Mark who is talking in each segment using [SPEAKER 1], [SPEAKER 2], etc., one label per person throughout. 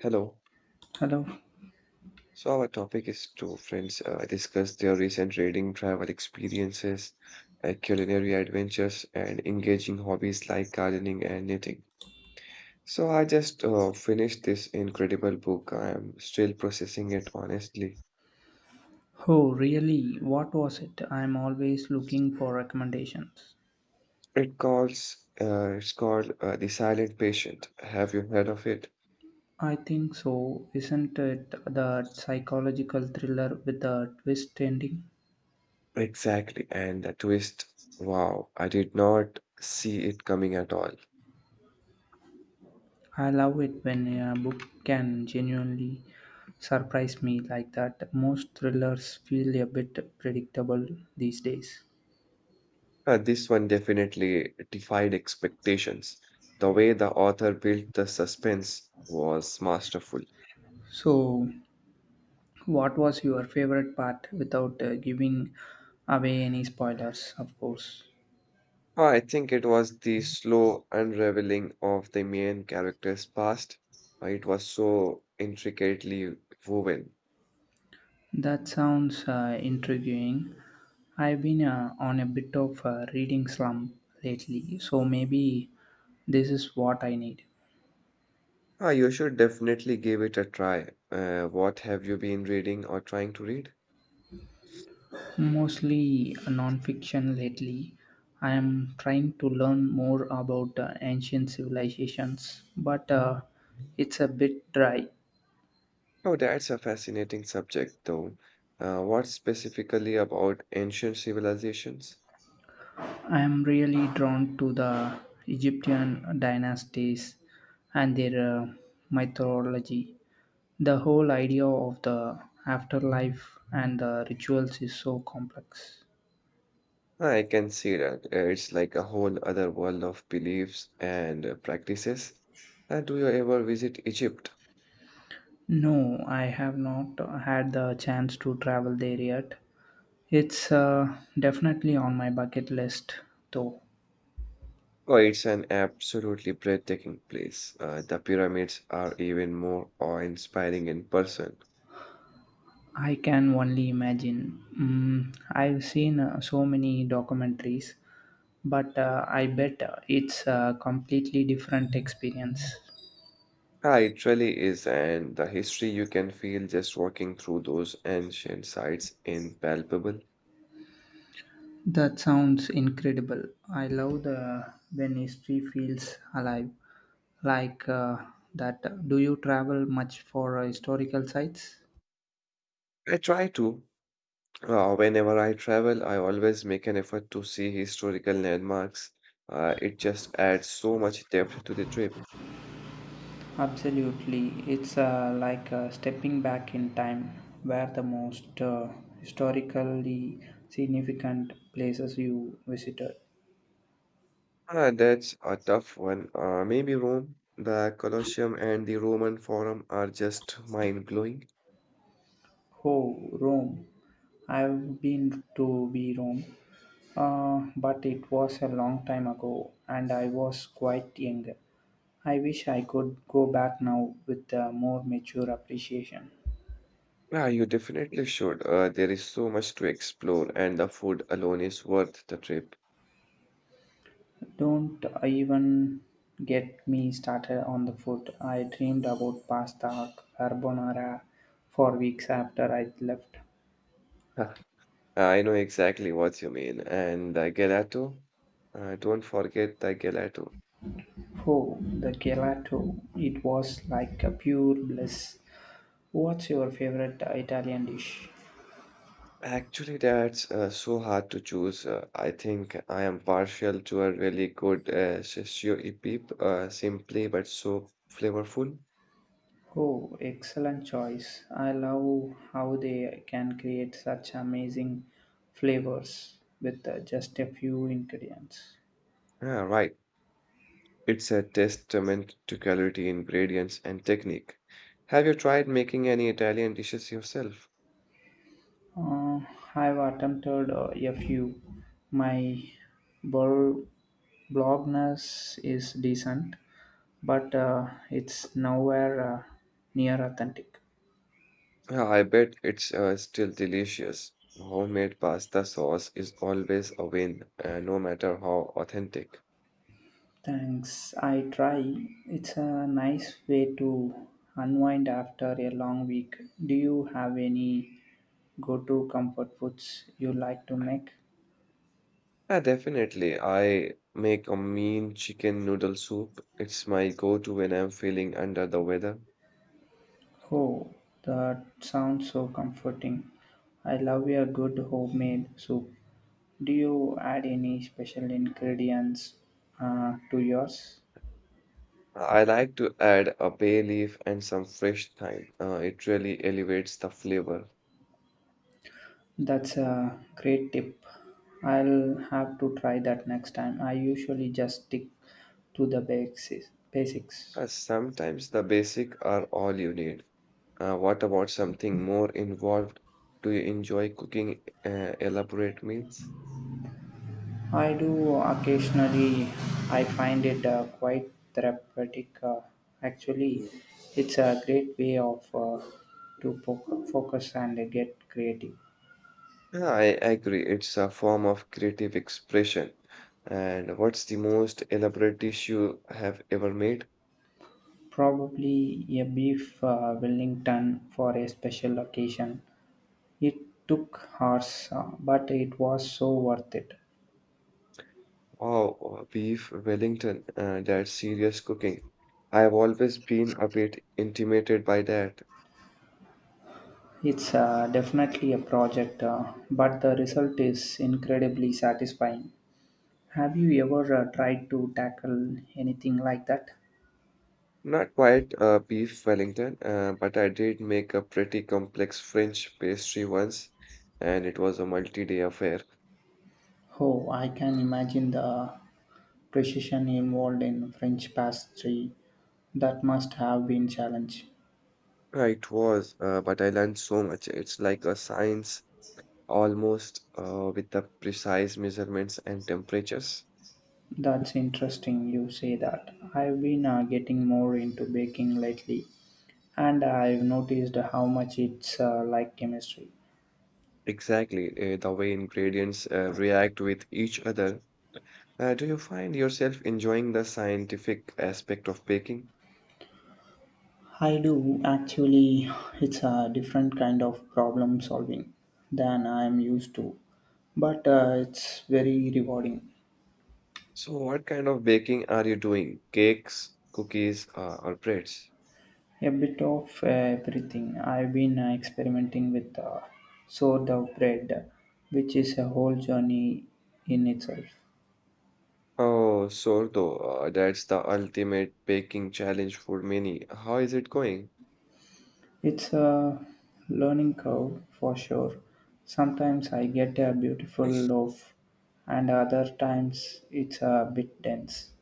[SPEAKER 1] Hello.
[SPEAKER 2] Hello.
[SPEAKER 1] So our topic is to friends discuss their recent reading, travel experiences, culinary adventures, and engaging hobbies like gardening and knitting. So I just finished this incredible book. I am still processing it honestly.
[SPEAKER 2] Oh, really? What was it? I'm always looking for recommendations.
[SPEAKER 1] It's called The Silent Patient. Have you heard of it?
[SPEAKER 2] I think so. Isn't it the psychological thriller with a twist ending?
[SPEAKER 1] Exactly. And the twist. Wow, I did not see it coming at all.
[SPEAKER 2] I love it when a book can genuinely surprise me like that. Most thrillers feel a bit predictable these days.
[SPEAKER 1] This one definitely defied expectations. The way the author built the suspense was masterful.
[SPEAKER 2] So, what was your favorite part without giving away any spoilers, of course?
[SPEAKER 1] I think it was the slow unraveling of the main character's past. It was so intricately woven.
[SPEAKER 2] That sounds intriguing. I've been on a bit of a reading slump lately, so maybe this is what I need.
[SPEAKER 1] Ah, you should definitely give it a try. What have you been reading or trying to read?
[SPEAKER 2] Mostly non-fiction lately. I am trying to learn more about ancient civilizations, but it's a bit dry.
[SPEAKER 1] Oh, that's a fascinating subject, though. What specifically about ancient civilizations?
[SPEAKER 2] I am really drawn to the Egyptian dynasties and their mythology. The whole idea of the afterlife and the rituals is so complex.
[SPEAKER 1] I can see that. It's like a whole other world of beliefs and practices. And do you ever visit Egypt?
[SPEAKER 2] No, I have not had the chance to travel there yet. It's definitely on my bucket list, though.
[SPEAKER 1] Oh, it's an absolutely breathtaking place. The pyramids are even more awe-inspiring in person.
[SPEAKER 2] I can only imagine. Mm, I've seen so many documentaries, but I bet it's a completely different experience.
[SPEAKER 1] Ah, it really is, and the history you can feel just walking through those ancient sites impalpable.
[SPEAKER 2] That sounds incredible. I love the when history feels alive, like that. Do you travel much for historical sites?
[SPEAKER 1] I try to. Whenever I travel, I always make an effort to see historical landmarks. It just adds so much depth to the trip.
[SPEAKER 2] Absolutely, it's like stepping back in time, where the most historically significant places you visited.
[SPEAKER 1] Ah, that's a tough one. Maybe Rome, the Colosseum, and the Roman Forum are just mind-blowing.
[SPEAKER 2] Oh, Rome! I've been to be Rome, but it was a long time ago, and I was quite young. I wish I could go back now with a more mature appreciation.
[SPEAKER 1] Yeah, you definitely should. There is so much to explore, and the food alone is worth the trip.
[SPEAKER 2] Don't even get me started on the food. I dreamed about pasta carbonara for weeks after I left.
[SPEAKER 1] Huh. I know exactly what you mean. And the gelato, don't forget the gelato.
[SPEAKER 2] Oh, the gelato. It was like a pure bliss. What's your favorite Italian dish?
[SPEAKER 1] Actually, that's so hard to choose. I think I am partial to a really good shishio ipip, simply but so flavorful.
[SPEAKER 2] Oh, excellent choice. I love how they can create such amazing flavors with just a few ingredients.
[SPEAKER 1] Yeah, right. It's a testament to quality ingredients and technique. Have you tried making any Italian dishes yourself?
[SPEAKER 2] Uh, I've attempted a few. My bol- blogness is decent, but it's nowhere near authentic.
[SPEAKER 1] Yeah, I bet it's still delicious. Homemade pasta sauce is always a win, no matter how authentic.
[SPEAKER 2] Thanks. I try. It's a nice way to unwind after a long week. Do you have any go to comfort foods you like to make?
[SPEAKER 1] Yeah, definitely. I make a mean chicken noodle soup. It's my go-to when I'm feeling under the weather.
[SPEAKER 2] Oh, that sounds so comforting. I love a good homemade soup. Do you add any special ingredients to yours?
[SPEAKER 1] I like to add a bay leaf and some fresh thyme. It really elevates the flavor.
[SPEAKER 2] That's a great tip. I'll have to try that next time. I usually just stick to the basics.
[SPEAKER 1] Sometimes the basic are all you need. What about something more involved? Do you enjoy cooking elaborate meals?
[SPEAKER 2] I do occasionally. I find it quite therapeutic. Actually,
[SPEAKER 1] Mm.
[SPEAKER 2] it's a great way of to focus and get creative.
[SPEAKER 1] Yeah, I agree. It's a form of creative expression. And what's the most elaborate dish you have ever made?
[SPEAKER 2] Probably a beef Wellington for a special occasion. It took hours, but it was so worth it.
[SPEAKER 1] Oh, beef Wellington. That's serious cooking. I've always been a bit intimidated by that.
[SPEAKER 2] It's definitely a project, but the result is incredibly satisfying. Have you ever tried to tackle anything like that?
[SPEAKER 1] Not quite beef Wellington, but I did make a pretty complex French pastry once, and it was a multi-day affair.
[SPEAKER 2] Oh, I can imagine the precision involved in French pastry. That must have been challenge.
[SPEAKER 1] It was, but I learned so much. It's like a science almost with the precise measurements and temperatures.
[SPEAKER 2] That's interesting you say that. I've been getting more into baking lately, and I've noticed how much it's like chemistry.
[SPEAKER 1] Exactly, the way ingredients react with each other. Do you find yourself enjoying the scientific aspect of baking?
[SPEAKER 2] I do actually. It's a different kind of problem solving than I'm used to, but it's very rewarding.
[SPEAKER 1] So, what kind of baking are you doing? Cakes, cookies, or breads?
[SPEAKER 2] A bit of everything. I've been experimenting with sourdough bread, which is a whole journey in itself.
[SPEAKER 1] Oh, sourdough, that's the ultimate baking challenge for many. How is it going?
[SPEAKER 2] It's a learning curve for sure. Sometimes I get a beautiful loaf, and other times it's a bit dense.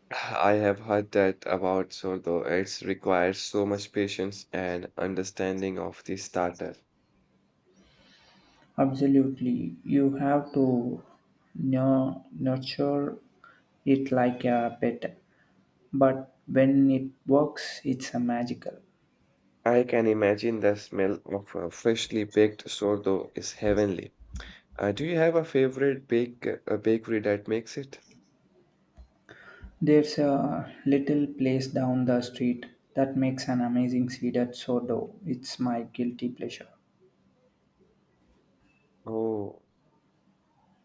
[SPEAKER 1] I have heard that about sourdough. It requires so much patience and understanding of the starter.
[SPEAKER 2] Absolutely, you have to nurture it like a pet, but when it works, it's a magical.
[SPEAKER 1] I can imagine the smell of freshly baked sourdough is heavenly. Do you have a favorite bakery that makes it?
[SPEAKER 2] There's a little place down the street that makes an amazing seeded sourdough. It's my guilty pleasure.
[SPEAKER 1] Oh.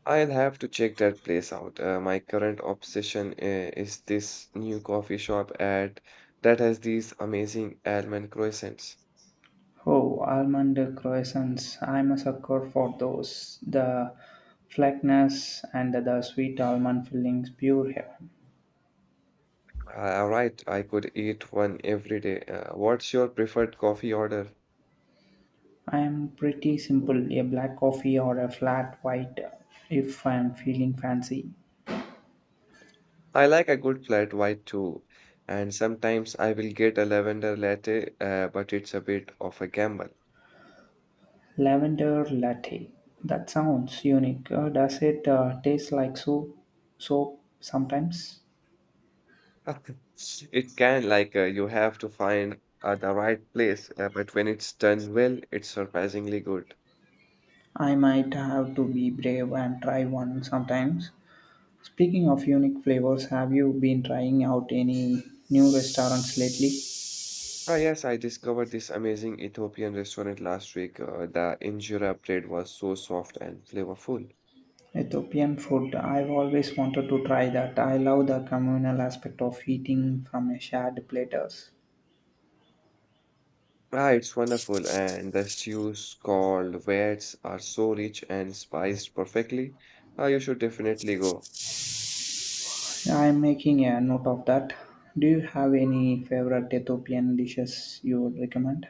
[SPEAKER 1] I'll have to check that place out. My current obsession is this new coffee shop at that has these amazing almond croissants.
[SPEAKER 2] Oh, almond croissants. I'm a sucker for those. The flakiness and the sweet almond fillings, pure heaven.
[SPEAKER 1] Right, I could eat one every day. What's your preferred coffee order?
[SPEAKER 2] I'm pretty simple a black coffee or a flat white if I'm feeling fancy.
[SPEAKER 1] I like a good flat white too, and sometimes I will get a lavender latte, but it's a bit of a gamble.
[SPEAKER 2] Lavender latte. That sounds unique. Does it taste like soap sometimes?
[SPEAKER 1] It can like you have to find the right place, but when it's done well, it's surprisingly good.
[SPEAKER 2] I might have to be brave and try one sometimes. Speaking of unique flavors, have you been trying out any new restaurants lately?
[SPEAKER 1] Ah, yes, I discovered this amazing Ethiopian restaurant last week. The injera bread was so soft and flavorful.
[SPEAKER 2] Ethiopian food, I've always wanted to try that. I love the communal aspect of eating from a shared platters.
[SPEAKER 1] Ah, it's wonderful, and the stews called wets are so rich and spiced perfectly. Ah, you should definitely go.
[SPEAKER 2] I'm making a note of that. Do you have any favorite Ethiopian dishes you would recommend?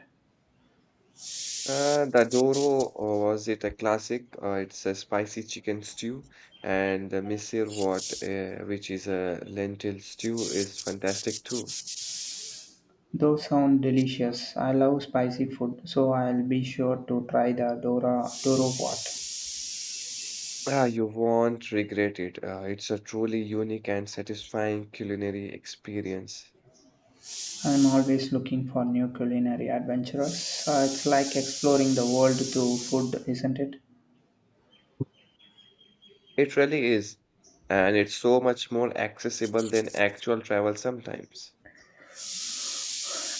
[SPEAKER 1] The doro, was it a classic? It's a spicy chicken stew, and the misirwort, which is a lentil stew, is fantastic too.
[SPEAKER 2] Those sound delicious. I love spicy food, so I'll be sure to try the Dora Doro pot.
[SPEAKER 1] Ah, you won't regret it. It's a truly unique and satisfying culinary experience.
[SPEAKER 2] I'm always looking for new culinary adventures. It's like exploring the world through food, isn't it?
[SPEAKER 1] It really is. And it's so much more accessible than actual travel sometimes.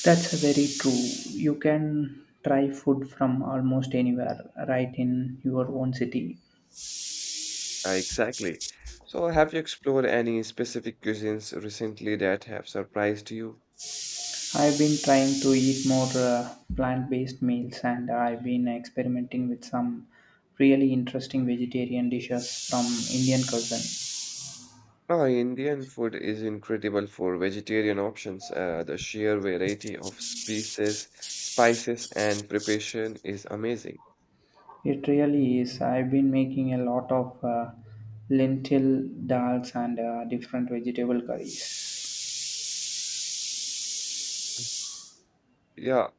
[SPEAKER 2] That's very true. You can try food from almost anywhere, right in your own city.
[SPEAKER 1] Exactly. So, have you explored any specific cuisines recently that have surprised you?
[SPEAKER 2] I've been trying to eat more plant based meals, and I've been experimenting with some really interesting vegetarian dishes from Indian cuisine.
[SPEAKER 1] Oh, Indian food is incredible for vegetarian options. The sheer variety of species, spices, and preparation is amazing.
[SPEAKER 2] It really is. I've been making a lot of lentil dals and different vegetable curries.
[SPEAKER 1] Yeah,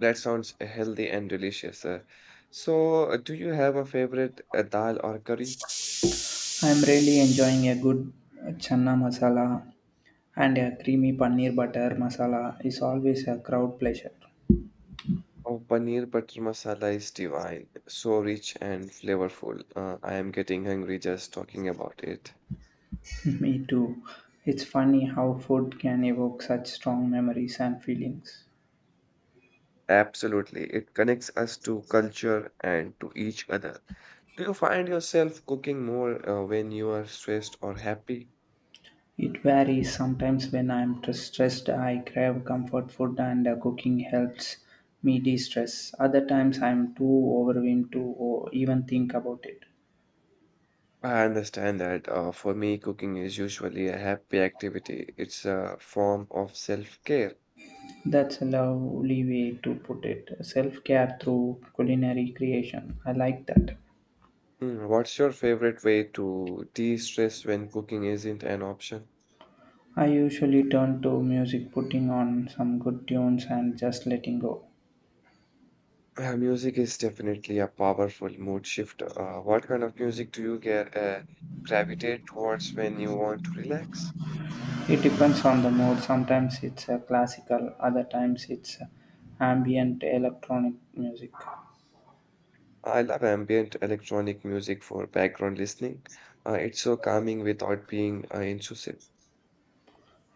[SPEAKER 1] that sounds healthy and delicious. So, do you have a favorite dal or curry?
[SPEAKER 2] I'm really enjoying a good chana masala, and a creamy paneer butter masala is always a crowd pleasure.
[SPEAKER 1] Oh, paneer butter masala is divine, so rich and flavorful. I am getting hungry just talking about it.
[SPEAKER 2] Me too. It's funny how food can evoke such strong memories and feelings.
[SPEAKER 1] Absolutely, it connects us to culture and to each other. Do you find yourself cooking more when you are stressed or happy?
[SPEAKER 2] It varies; sometimes when I'm stressed I crave comfort food, and cooking helps me de-stress. Other times I'm too overwhelmed to even think about it.
[SPEAKER 1] I understand that. For me, cooking is usually a happy activity. It's a form of self-care.
[SPEAKER 2] That's a lovely way to put it. Self-care through culinary creation. I like that.
[SPEAKER 1] Hmm. What's your favorite way to de-stress when cooking isn't an option?
[SPEAKER 2] I usually turn to music, putting on some good tunes and just letting go.
[SPEAKER 1] Music is definitely a powerful mood shifter. What kind of music do you get gravitate towards when you want to relax?
[SPEAKER 2] It depends on the mood. Sometimes it's classical, other times it's ambient electronic music.
[SPEAKER 1] I love ambient electronic music for background listening. It's so calming without being intrusive.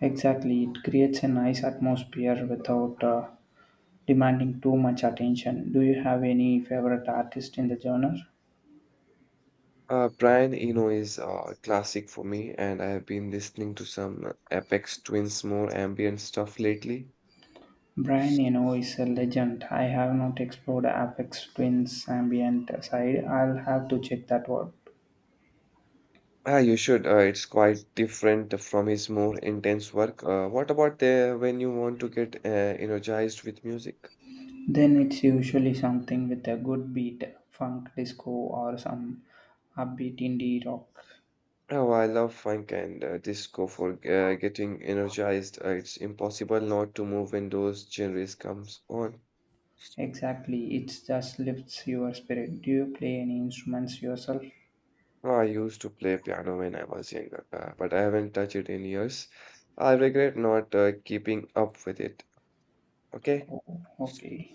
[SPEAKER 2] Exactly, it creates a nice atmosphere without demanding too much attention. Do you have any favorite artist in the genre?
[SPEAKER 1] Brian Eno is classic for me, and I have been listening to some Apex Twins more ambient stuff lately.
[SPEAKER 2] Brian Eno is a legend. I have not explored Apex Twin's ambient side. I'll have to check that out.
[SPEAKER 1] Ah, you should. It's quite different from his more intense work. What about the when you want to get energized with music?
[SPEAKER 2] Then it's usually something with a good beat, funk, disco, or some upbeat indie rock.
[SPEAKER 1] Oh, I love funk and disco for getting energized. It's impossible not to move when those genres comes on.
[SPEAKER 2] Exactly, it just lifts your spirit. Do you play any instruments yourself?
[SPEAKER 1] Ah, I used to play piano when I was younger, but I haven't touched it in years. I regret not keeping up with it. Okay.
[SPEAKER 2] Oh, okay.